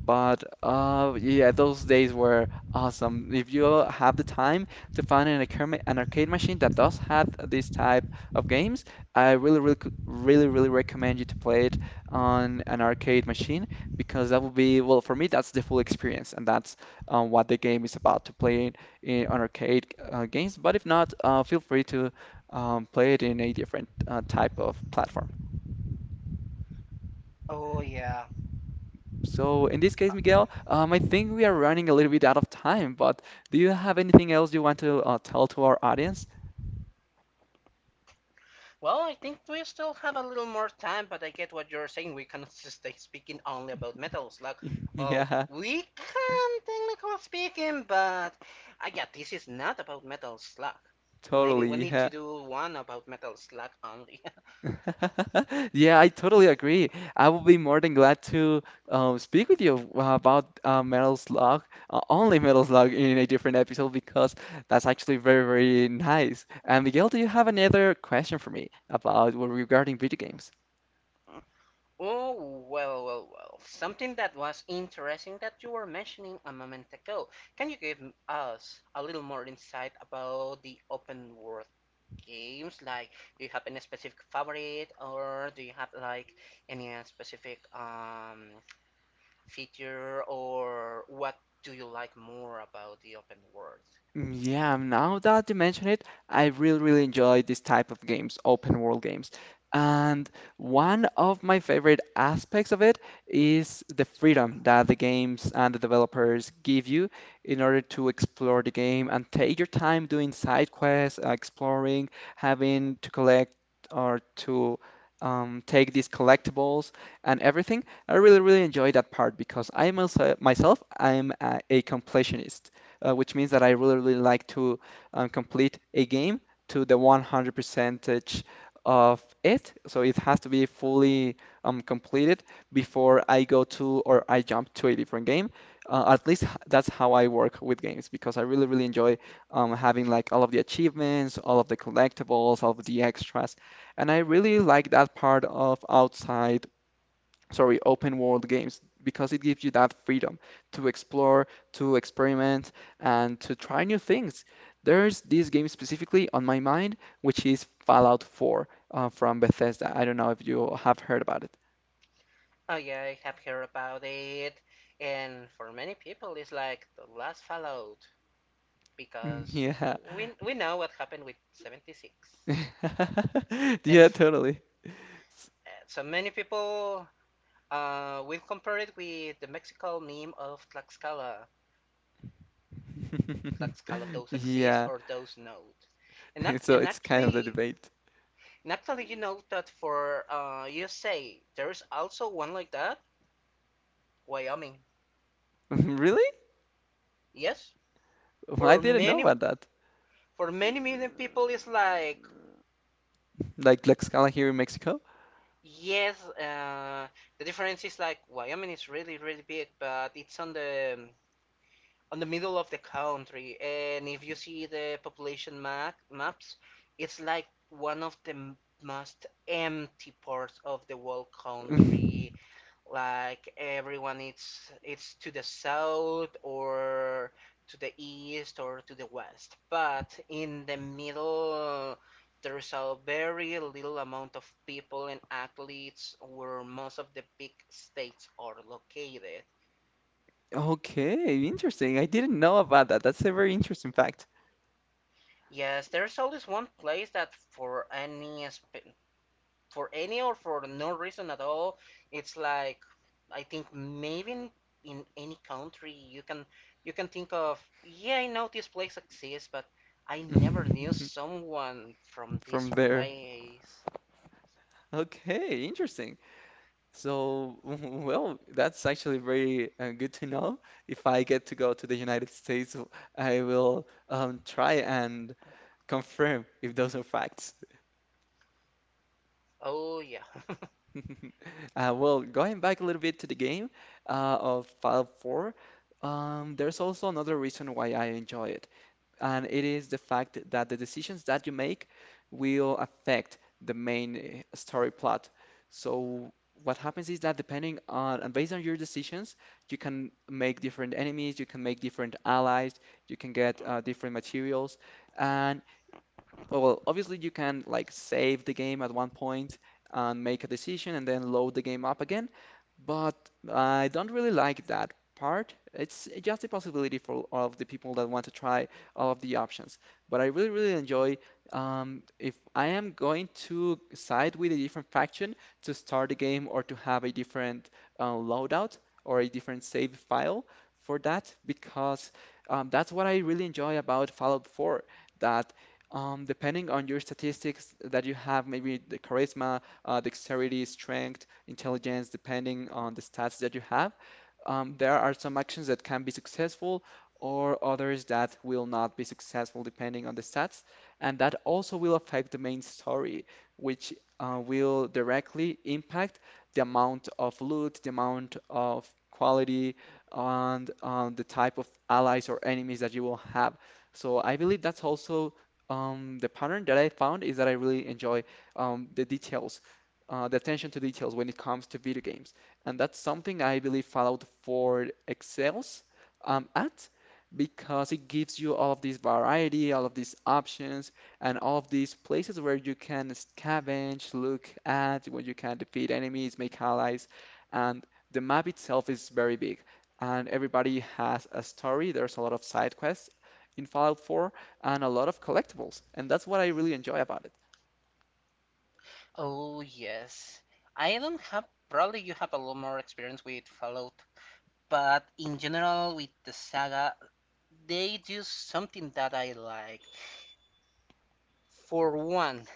[SPEAKER 2] But yeah, those days were awesome. If you have the time to find an arcade machine that does have this type of games, I really, really, really, really recommend you to play it on an arcade machine because that will be, well, for me, that's the full experience, and that's what the game is about to play in on arcade games. But if not, feel free to play it in a different type of platform.
[SPEAKER 1] Oh yeah.
[SPEAKER 2] So in this case, Miguel, I think we are running a little bit out of time, but do you have anything else you want to tell to our audience?
[SPEAKER 1] Well, I think we still have a little more time, but I get what you're saying. We cannot (laughs) just stay speaking only about metals. Like,
[SPEAKER 2] (laughs)
[SPEAKER 1] well,
[SPEAKER 2] Yeah,
[SPEAKER 1] we can, technically speaking, but I yeah, this is not about metal slug. Maybe we
[SPEAKER 2] totally.
[SPEAKER 1] need
[SPEAKER 2] Yeah.
[SPEAKER 1] to do one about metal slug only.
[SPEAKER 2] (laughs) Yeah, I totally agree. I will be more than glad to speak with you about Metal Slug, only Metal Slug in a different episode because that's actually very, very nice. And Miguel, do you have another question for me about, well, regarding video games?
[SPEAKER 1] (laughs) Oh, well, well, well. Something that was interesting that you were mentioning a moment ago. Can you give us a little more insight about the open world games? Like, do you have any specific favorite, or do you have like any specific feature, or what do you like more about the open world?
[SPEAKER 2] Yeah, now that you mention it, I really, really enjoy this type of games, open world games. And one of my favorite aspects of it is the freedom that the games and the developers give you in order to explore the game and take your time doing side quests, exploring, having to collect or to take these collectibles and everything. I really, really enjoy that part because I myself, I'm a completionist which means that I really, really like to complete a game to the 100 percentage of it. So it has to be fully completed before I go to or I jump to a different game. At least that's how I work with games because I really, really enjoy having like all of the achievements, all of the collectibles, all of the extras. And I really like that part of open world games because it gives you that freedom to explore, to experiment, and to try new things. There's this game specifically on my mind, which is Fallout 4 from Bethesda. I don't know if you have heard about it.
[SPEAKER 1] Oh yeah, I have heard about it, and for many people, it's like the last Fallout because
[SPEAKER 2] Yeah.
[SPEAKER 1] we know what happened with 76,
[SPEAKER 2] (laughs)
[SPEAKER 1] and
[SPEAKER 2] Yeah, totally. S-
[SPEAKER 1] so many people will compare it with the Mexican meme of Tlaxcala,
[SPEAKER 2] (laughs)
[SPEAKER 1] let's call it those exist
[SPEAKER 2] Yeah.
[SPEAKER 1] or those nodes. And,
[SPEAKER 2] (laughs)
[SPEAKER 1] act-
[SPEAKER 2] So
[SPEAKER 1] and
[SPEAKER 2] it's kind of the
[SPEAKER 1] actually,
[SPEAKER 2] debate.
[SPEAKER 1] and actually, you know that for USA, there is also one like that, Wyoming.
[SPEAKER 2] (laughs) Really?
[SPEAKER 1] Yes,
[SPEAKER 2] Well, I
[SPEAKER 1] for
[SPEAKER 2] didn't know
[SPEAKER 1] many
[SPEAKER 2] about that.
[SPEAKER 1] for many million people, it's like
[SPEAKER 2] Like Tlaxcala here in Mexico?
[SPEAKER 1] yes, the difference is like Wyoming is really really big, but it's on the middle of the country, and if you see the population maps, it's like one of the most empty parts of the whole country,
[SPEAKER 2] (laughs)
[SPEAKER 1] like everyone it's to the south or to the east or to the west, but in the middle there's a very little amount of people and athletes where most of the big states are located.
[SPEAKER 2] Okay, interesting. I didn't know about that. That's a very interesting fact.
[SPEAKER 1] Yes, there's always one place that for any for any or for no reason at all. It's like I think maybe in any country you can think of yeah I know this place exists but I never knew
[SPEAKER 2] (laughs)
[SPEAKER 1] someone from
[SPEAKER 2] From
[SPEAKER 1] this
[SPEAKER 2] there.
[SPEAKER 1] place.
[SPEAKER 2] Okay, interesting. So, (laughs) well, that's actually very good to know. If I get to go to the United States, I will try and confirm if those are facts.
[SPEAKER 1] Oh yeah. (laughs)
[SPEAKER 2] (laughs) Well, going back a little bit to the game of Fallout 4, there's also another reason why I enjoy it. And it is the fact that the decisions that you make will affect the main story plot. So what happens is that depending on and based on your decisions, you can make different enemies, you can make different allies, you can get different materials, and, well, obviously you can like save the game at one point and make a decision and then load the game up again. But I don't really like that part. It's just a possibility for all of the people that want to try all of the options. But I really, really enjoy, if I am going to side with a different faction to start the game or to have a different loadout or a different save file for that, because that's what I really enjoy about Fallout 4, that depending on your statistics that you have, maybe the charisma, dexterity, strength, intelligence, depending on the stats that you have, there are some actions that can be successful or others that will not be successful depending on the stats. And that also will affect the main story, which will directly impact the amount of loot, the amount of quality, and the type of allies or enemies that you will have. So I believe that's also the pattern that I found is that I really enjoy the details, the attention to details when it comes to video games. And that's something I believe Fallout 4 excels at because it gives you all of this variety, all of these options, and all of these places where you can scavenge, look at, where you can defeat enemies, make allies. And the map itself is very big, and everybody has a story. There's a lot of side quests in Fallout 4 and a lot of collectibles. And that's what I really enjoy about it.
[SPEAKER 1] Oh yes. I don't have probably you have a lot more experience with Fallout, but in general with the saga they do something that I like. For one,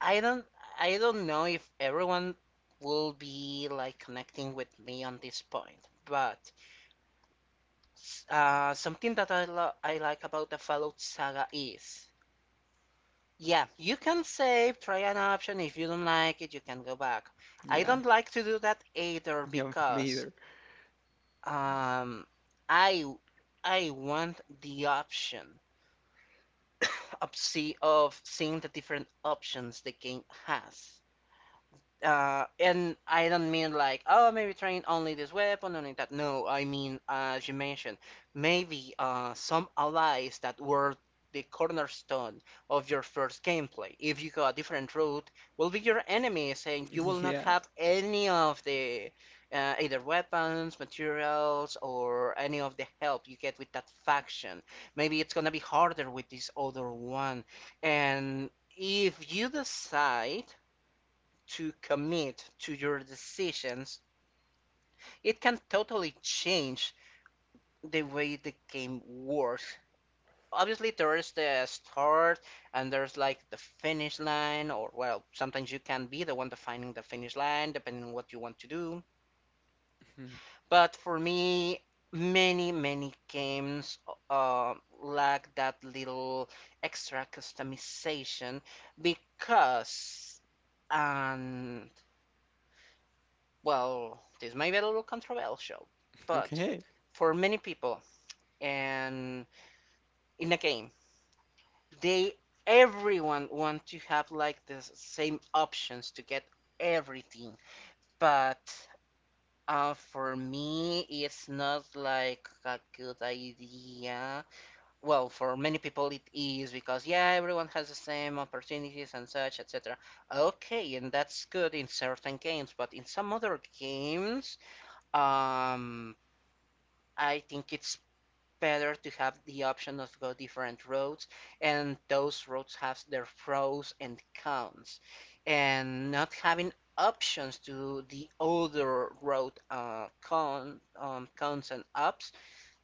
[SPEAKER 1] I don't I don't know if everyone will be like connecting with me on this point, but something that I like about the Fallout saga is yeah, you can save, try an option. If you don't like it, you can go back. I
[SPEAKER 2] Yeah,
[SPEAKER 1] don't like to do that either
[SPEAKER 2] yeah, me
[SPEAKER 1] because
[SPEAKER 2] either.
[SPEAKER 1] um I I want the option (coughs) of seeing the different options the game has. And I don't mean like, oh, maybe train only this weapon, only that. No, I mean, as you mentioned, maybe some allies that were the cornerstone of your first gameplay. If you go a different route, will be your enemies, and you will
[SPEAKER 2] (laughs)
[SPEAKER 1] not
[SPEAKER 2] Yeah.
[SPEAKER 1] have any of the either weapons, materials, or any of the help you get with that faction. Maybe it's gonna be harder with this other one, and if you decide to commit to your decisions, it can totally change the way the game works. Obviously, there is the start and there's like the finish line, or well, sometimes you can be the one defining the finish line depending on what you want to do.
[SPEAKER 2] Mhm.
[SPEAKER 1] But for me, many, many games uh, lack that little extra customization because. And Well, this may be a little controversial, but
[SPEAKER 2] Okay.
[SPEAKER 1] for many people and in a game, they everyone want to have like the same options to get everything. But for me, it's not like a good idea. Well, for many people, it is because yeah, everyone has the same opportunities and such, etc. Okay, and that's good in certain games, but in some other games, um, I think it's better to have the option of go different roads, and those roads have their pros and cons. And not having options to the other road cons and ups.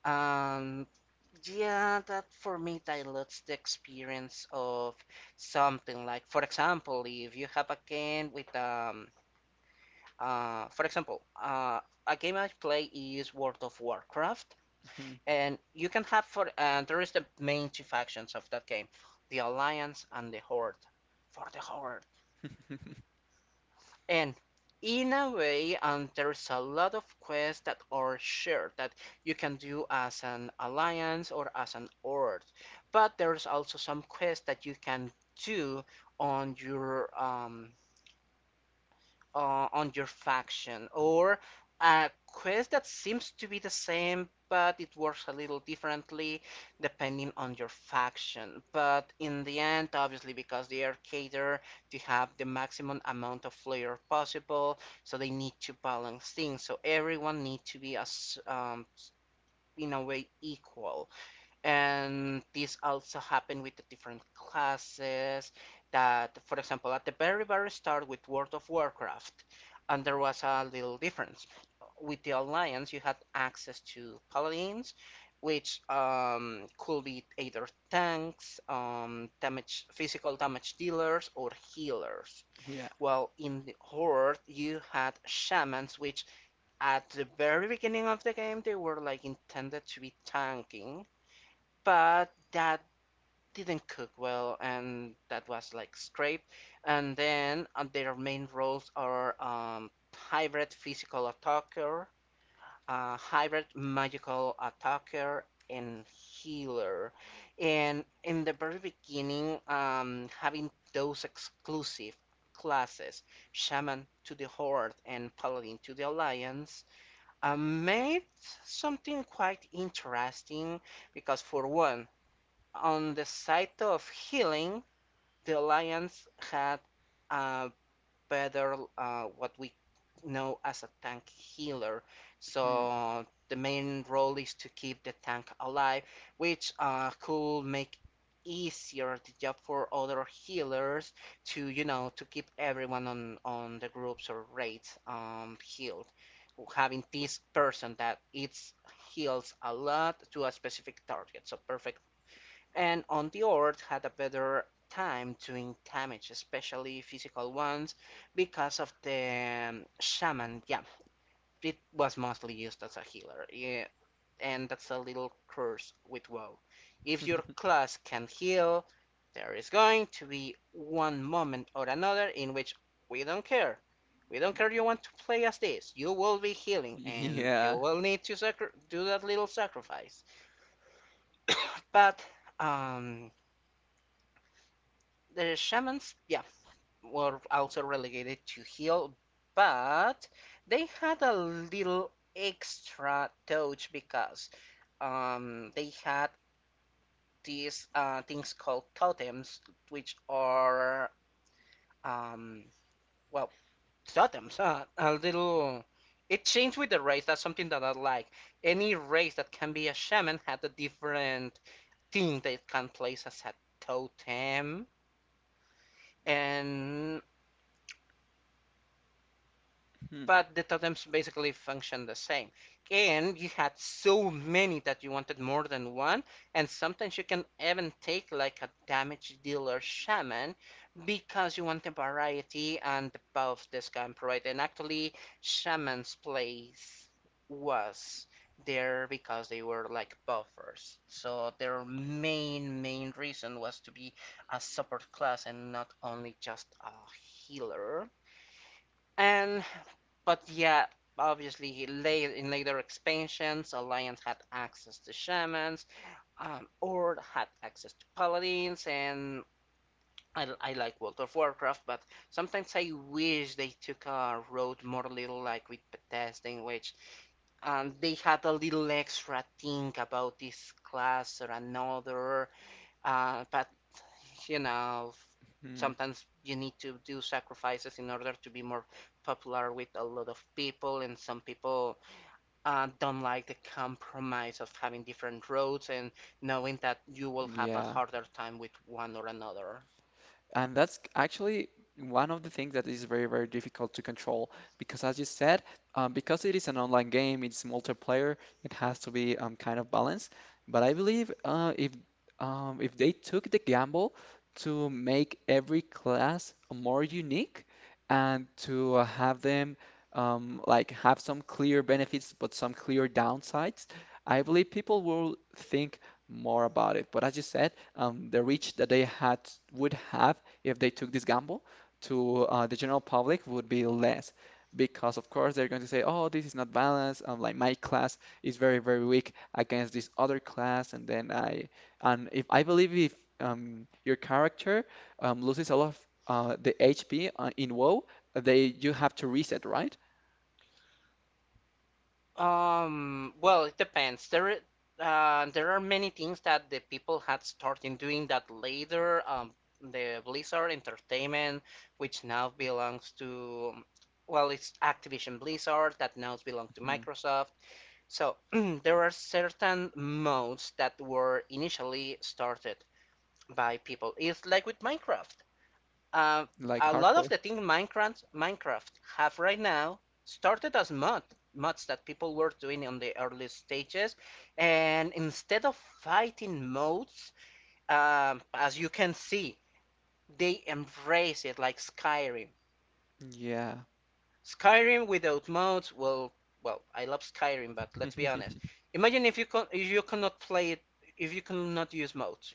[SPEAKER 1] Um, yeah, that for me dilutes the experience of something like, for example, if you have a game with for example, a game I play is World of Warcraft, and you can have for there is the main two factions of that game, the Alliance and the Horde. For the Horde.
[SPEAKER 2] (laughs)
[SPEAKER 1] And in a way, and there's a lot of quests that are shared that you can do as an Alliance or as an Horde. But there's also some quests that you can do on your um, on your faction, or a quest that seems to be the same but it works a little differently depending on your faction. But in the end, obviously, because they are catered to have the maximum amount of flair possible, so they need to balance things. So everyone needs to be as in a way equal. And this also happened with the different classes that, for example, at the very, very start with World of Warcraft, and there was a little difference. With the Alliance, you had access to paladins, which could be either tanks, damage, physical damage dealers, or healers.
[SPEAKER 2] Yeah.
[SPEAKER 1] While in the Horde, you had shamans, which at the very beginning of the game, they were like intended to be tanking but that didn't cook well and that was like scraped and then their main roles are hybrid physical attacker hybrid magical attacker and healer and in the very beginning having those exclusive classes shaman to the Horde and paladin to the Alliance made something quite interesting because for one on the side of healing, the Alliance had a better, what we know as a tank healer.
[SPEAKER 2] Hmm.
[SPEAKER 1] So the main role is to keep the tank alive, which could make easier the job for other healers to you know to keep everyone on the groups or raids healed having this person that it heals a lot to a specific target so perfect and on the earth had a better time doing damage, especially physical ones, because of the shaman. Yeah, it was mostly used as a healer. Yeah, and that's a little curse with WoW. If your
[SPEAKER 2] (laughs)
[SPEAKER 1] class can heal, there is going to be one moment or another in which we don't care. We don't care you want to play as this. You will be healing, and you
[SPEAKER 2] Yeah.
[SPEAKER 1] will need to do that little sacrifice. But um, the shamans, yeah, were also relegated to heel, but they had a little extra touch because they had these things called totems, which are um, well totems. A little. It changed with the race. That's something that I like. Any race that can be a shaman had a different thing they can place as a totem, and
[SPEAKER 2] Hmm.
[SPEAKER 1] but the totems basically function the same. And you had so many that you wanted more than one, and sometimes you can even take like a damage dealer shaman because you want the variety and the buff this can provide. And actually, shaman's place was there because they were like buffers. So their main reason was to be a support class and not only just a healer and but yeah, obviously later in later expansions, Alliance had access to shamans, Ord had access to paladins, and I like World of Warcraft, but sometimes I wish they took a road more little like with Bethesda, in which they had a little extra thing about this class or another, but you know,
[SPEAKER 2] Hmm.
[SPEAKER 1] sometimes you need to do sacrifices in order to be more popular with a lot of people, and some people don't like the compromise of having different roads and knowing that you will have a
[SPEAKER 2] Yeah.
[SPEAKER 1] harder time with one or another.
[SPEAKER 2] And that's actually one of the things that is very, very difficult to control because, as you said, because it is an online game, it's multiplayer, it has to be kind of balanced. But I believe, if they took the gamble to make every class more unique and to have them like have some clear benefits but some clear downsides, I believe people will think more about it. But as you said, the reach that they had would have if they took this gamble to the general public would be less because of course they're going to say, oh, this is not balanced, like my class is very very weak against this other class. And then i and if i believe, if your character loses a lot of the HP in WoW, they, you have to reset, right?
[SPEAKER 1] Well, it depends. There are many things that the people had started doing that later. The Blizzard Entertainment, which now belongs to, well, it's Activision Blizzard that now belongs to
[SPEAKER 2] Mhm.
[SPEAKER 1] Microsoft. So (clears throat) there are certain modes that were initially started by people. It's like with Minecraft. Uh,
[SPEAKER 2] Like
[SPEAKER 1] a lot
[SPEAKER 2] hardcore.
[SPEAKER 1] of the things Minecraft have right now started as mods that people were doing on the early stages, and instead of fighting modes, as you can see, they embrace it like Skyrim.
[SPEAKER 2] Yeah.
[SPEAKER 1] Skyrim without modes, well, well, I love Skyrim, but let's be honest.
[SPEAKER 2] (laughs)
[SPEAKER 1] Imagine if you if you cannot play it if you cannot use modes,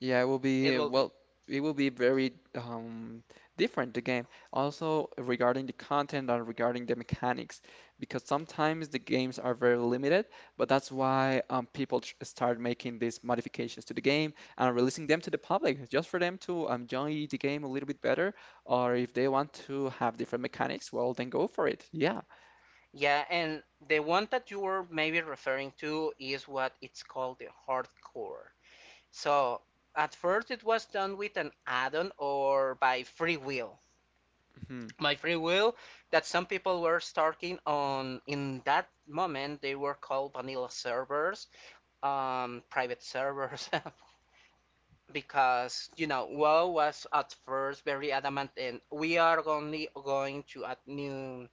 [SPEAKER 2] Yeah, it will
[SPEAKER 1] it
[SPEAKER 2] be,
[SPEAKER 1] will be.
[SPEAKER 2] well, it will be very different, the game. Also, regarding the content and regarding the mechanics, because sometimes the games are very limited, but that's why people tr start making these modifications to the game and releasing them to the public, just for them to enjoy the game a little bit better, or if they want to have different mechanics, well, then go for it. Yeah.
[SPEAKER 1] Yeah, and the one that you were maybe referring to is what it's called the hardcore. So at first it was done with an add-on or by free will.
[SPEAKER 2] Mhm.
[SPEAKER 1] By free will, that some people were starting on in that moment they were called vanilla servers, private servers, (laughs) because you know WoW was at first very adamant and we are only going to add new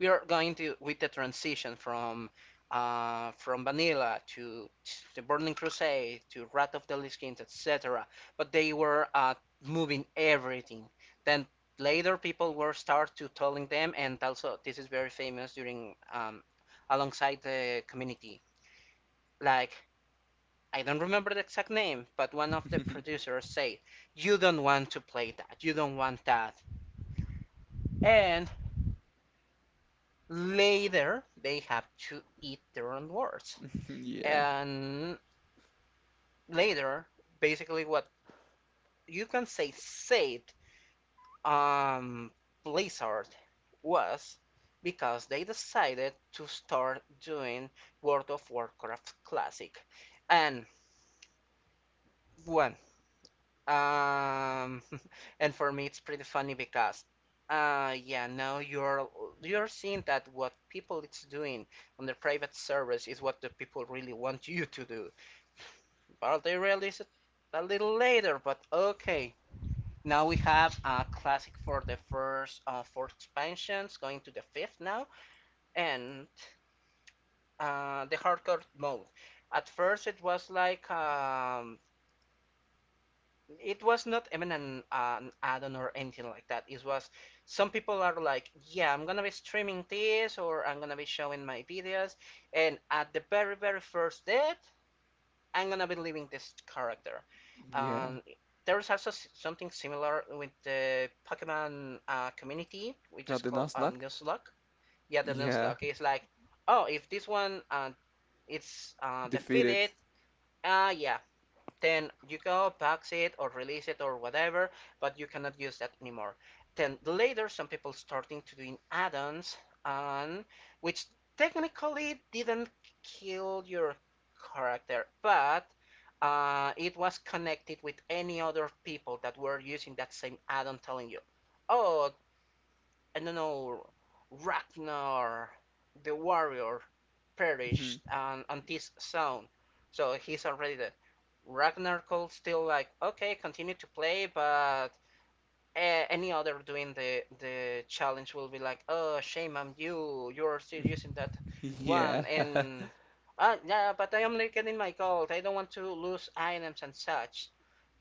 [SPEAKER 1] we are going to with the transition from Vanilla to the Burning Crusade to Wrath of the Lich Kings, etc. But they were moving everything. Then later people were start to telling them, and also this is very famous during alongside the community. Like I don't remember the exact name, but one of the
[SPEAKER 2] (laughs)
[SPEAKER 1] producers said, "You don't want to play that. You don't want that." And later they have to eat their own words
[SPEAKER 2] Yeah.
[SPEAKER 1] and later, basically, what you can say saved um, Blizzard was because they decided to start doing World of Warcraft Classic, and one um, (laughs) and for me it's pretty funny because yeah now you're seeing that what people it's doing on their private servers is what the people really want you to do. But they realize it a little later, but okay. Now we have a classic for the first four expansions, going to the fifth now, and the hardcore mode. At first, it was like it was not even an add-on or anything like that. It was some people are like, yeah, I'm gonna be streaming this or I'm gonna be showing my videos, and at the very very first day, I'm gonna be leaving this character.
[SPEAKER 2] Yeah.
[SPEAKER 1] Um, there's also something similar with the Pokemon community, which is
[SPEAKER 2] Got the
[SPEAKER 1] called
[SPEAKER 2] Nuzlocke?
[SPEAKER 1] Nuzlocke. Yeah, the
[SPEAKER 2] Yeah.
[SPEAKER 1] Nuzlocke is like, oh, if this one it's
[SPEAKER 2] Defeated.
[SPEAKER 1] defeated, yeah, then you go box it or release it or whatever, but you cannot use that anymore. Then later, some people starting to doing add-ons, and which technically didn't kill your character, but it was connected with any other people that were using that same add-on, telling you, "Oh, I don't know, Ragnar the warrior
[SPEAKER 2] Mhm.
[SPEAKER 1] perished on this zone. So he's already dead. Ragnar could still like, okay, continue to play, but any other doing the challenge will be like, oh, shame on you, you're still using that
[SPEAKER 2] (laughs) Yeah.
[SPEAKER 1] one,
[SPEAKER 2] (laughs)
[SPEAKER 1] and yeah, but I am only getting my gold. I don't want to lose items and such.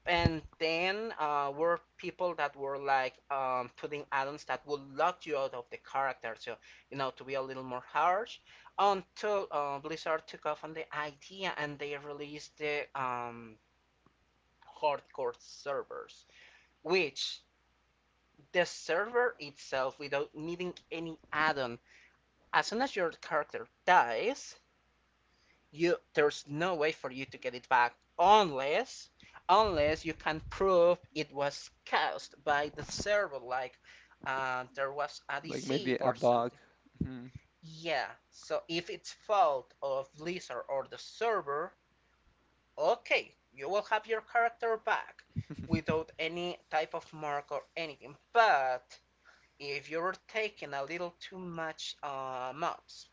[SPEAKER 1] And then were people that were like putting add-ons that would lock you out of the character, so you know to be a little more harsh. Until Blizzard took off on the idea and they released the hardcore servers, which the server itself, without needing any add-on, as soon as your character dies, you there's no way for you to get it back unless you can prove it was caused by the server like there was a
[SPEAKER 2] like
[SPEAKER 1] DC
[SPEAKER 2] maybe a
[SPEAKER 1] or
[SPEAKER 2] bug.
[SPEAKER 1] something.
[SPEAKER 2] Mhm.
[SPEAKER 1] Yeah, so if it's fault of Blizzard or the server, okay, you will have your character back
[SPEAKER 2] (laughs)
[SPEAKER 1] without any type of mark or anything, but if you're taking a little too much mods,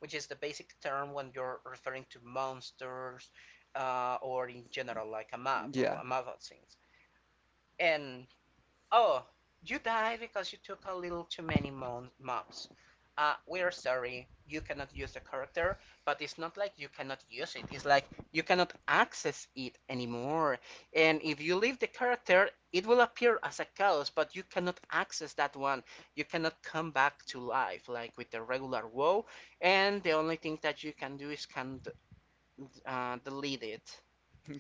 [SPEAKER 1] which is the basic term when you're referring to monsters or in general like a map or
[SPEAKER 2] Yeah,
[SPEAKER 1] a map of things. And oh, you died because you took a little too many mobs. We're sorry, you cannot use the character, but it's not like you cannot use it. It's like you cannot access it anymore. And if you leave the character, it will appear as a chaos, but you cannot access that one. You cannot come back to life like with the regular WoW. And the only thing that you can do is can delete it.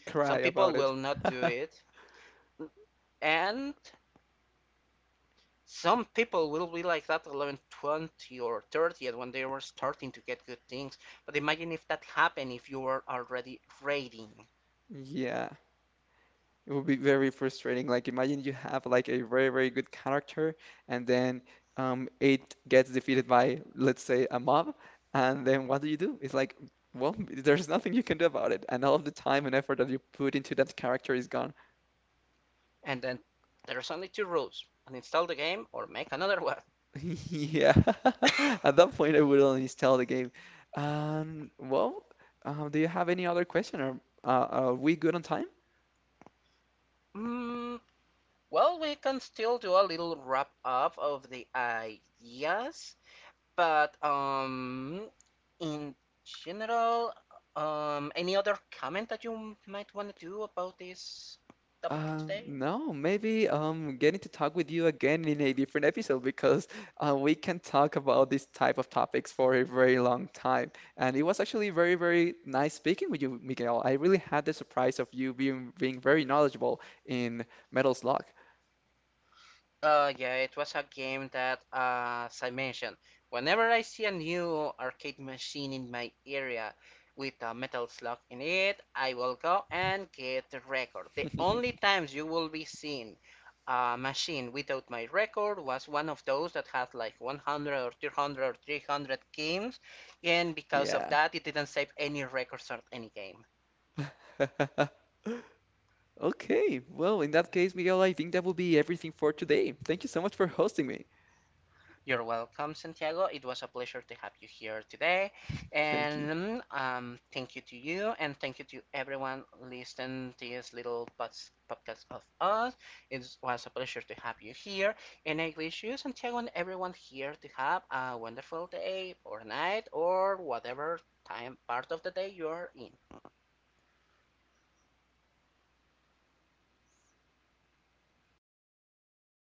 [SPEAKER 2] cry
[SPEAKER 1] Some people
[SPEAKER 2] about it.
[SPEAKER 1] will not do
[SPEAKER 2] (laughs)
[SPEAKER 1] it, and some people will be like that at 11, 20 or 30 when they were starting to get good things. But imagine if that happened if you were already raiding.
[SPEAKER 2] Yeah, it would be very frustrating. Like imagine you have like a very very good character, and then it gets defeated by, let's say, a mob, and then what do you do? It's like, well, there's nothing you can do about it, and all of the time and effort that you put into that character is gone.
[SPEAKER 1] And then there's only two rules: uninstall the game or make another one.
[SPEAKER 2] (laughs) Yeah. (laughs) At that point, I would only install the game. Well, do you have any other question, or are we good on time?
[SPEAKER 1] (coughs) mm, well, we can still do a little wrap up of the ideas, but in general, any other comment that you might want to do about this topic today?
[SPEAKER 2] No, maybe getting to talk with you again in a different episode because we can talk about this type of topics for a very long time. And it was actually very, very nice speaking with you, Miguel. I really had the surprise of you being very knowledgeable in Metal Slug. (laughs)
[SPEAKER 1] Yeah, it was a game that, as I mentioned, whenever I see a new arcade machine in my area with a metal slug in it, I will go and get the record. The only times you will be seeing a machine without my record was one of those that had like 100 or 200 or 300 games, and because of
[SPEAKER 2] Yeah.
[SPEAKER 1] that, it didn't save any records or any game.
[SPEAKER 2] (laughs) Okay, well, in that case, Miguel, I think that will be everything for today. Thank you so much for hosting me.
[SPEAKER 1] You're welcome, Santiago. It was a pleasure to have you here today.
[SPEAKER 2] Thank you.
[SPEAKER 1] And thank you to you, and thank you to everyone listening to this little podcast of us. It was a pleasure to have you here. And I wish you, Santiago, and everyone here to have a wonderful day, or night, or whatever time part of the day you are in.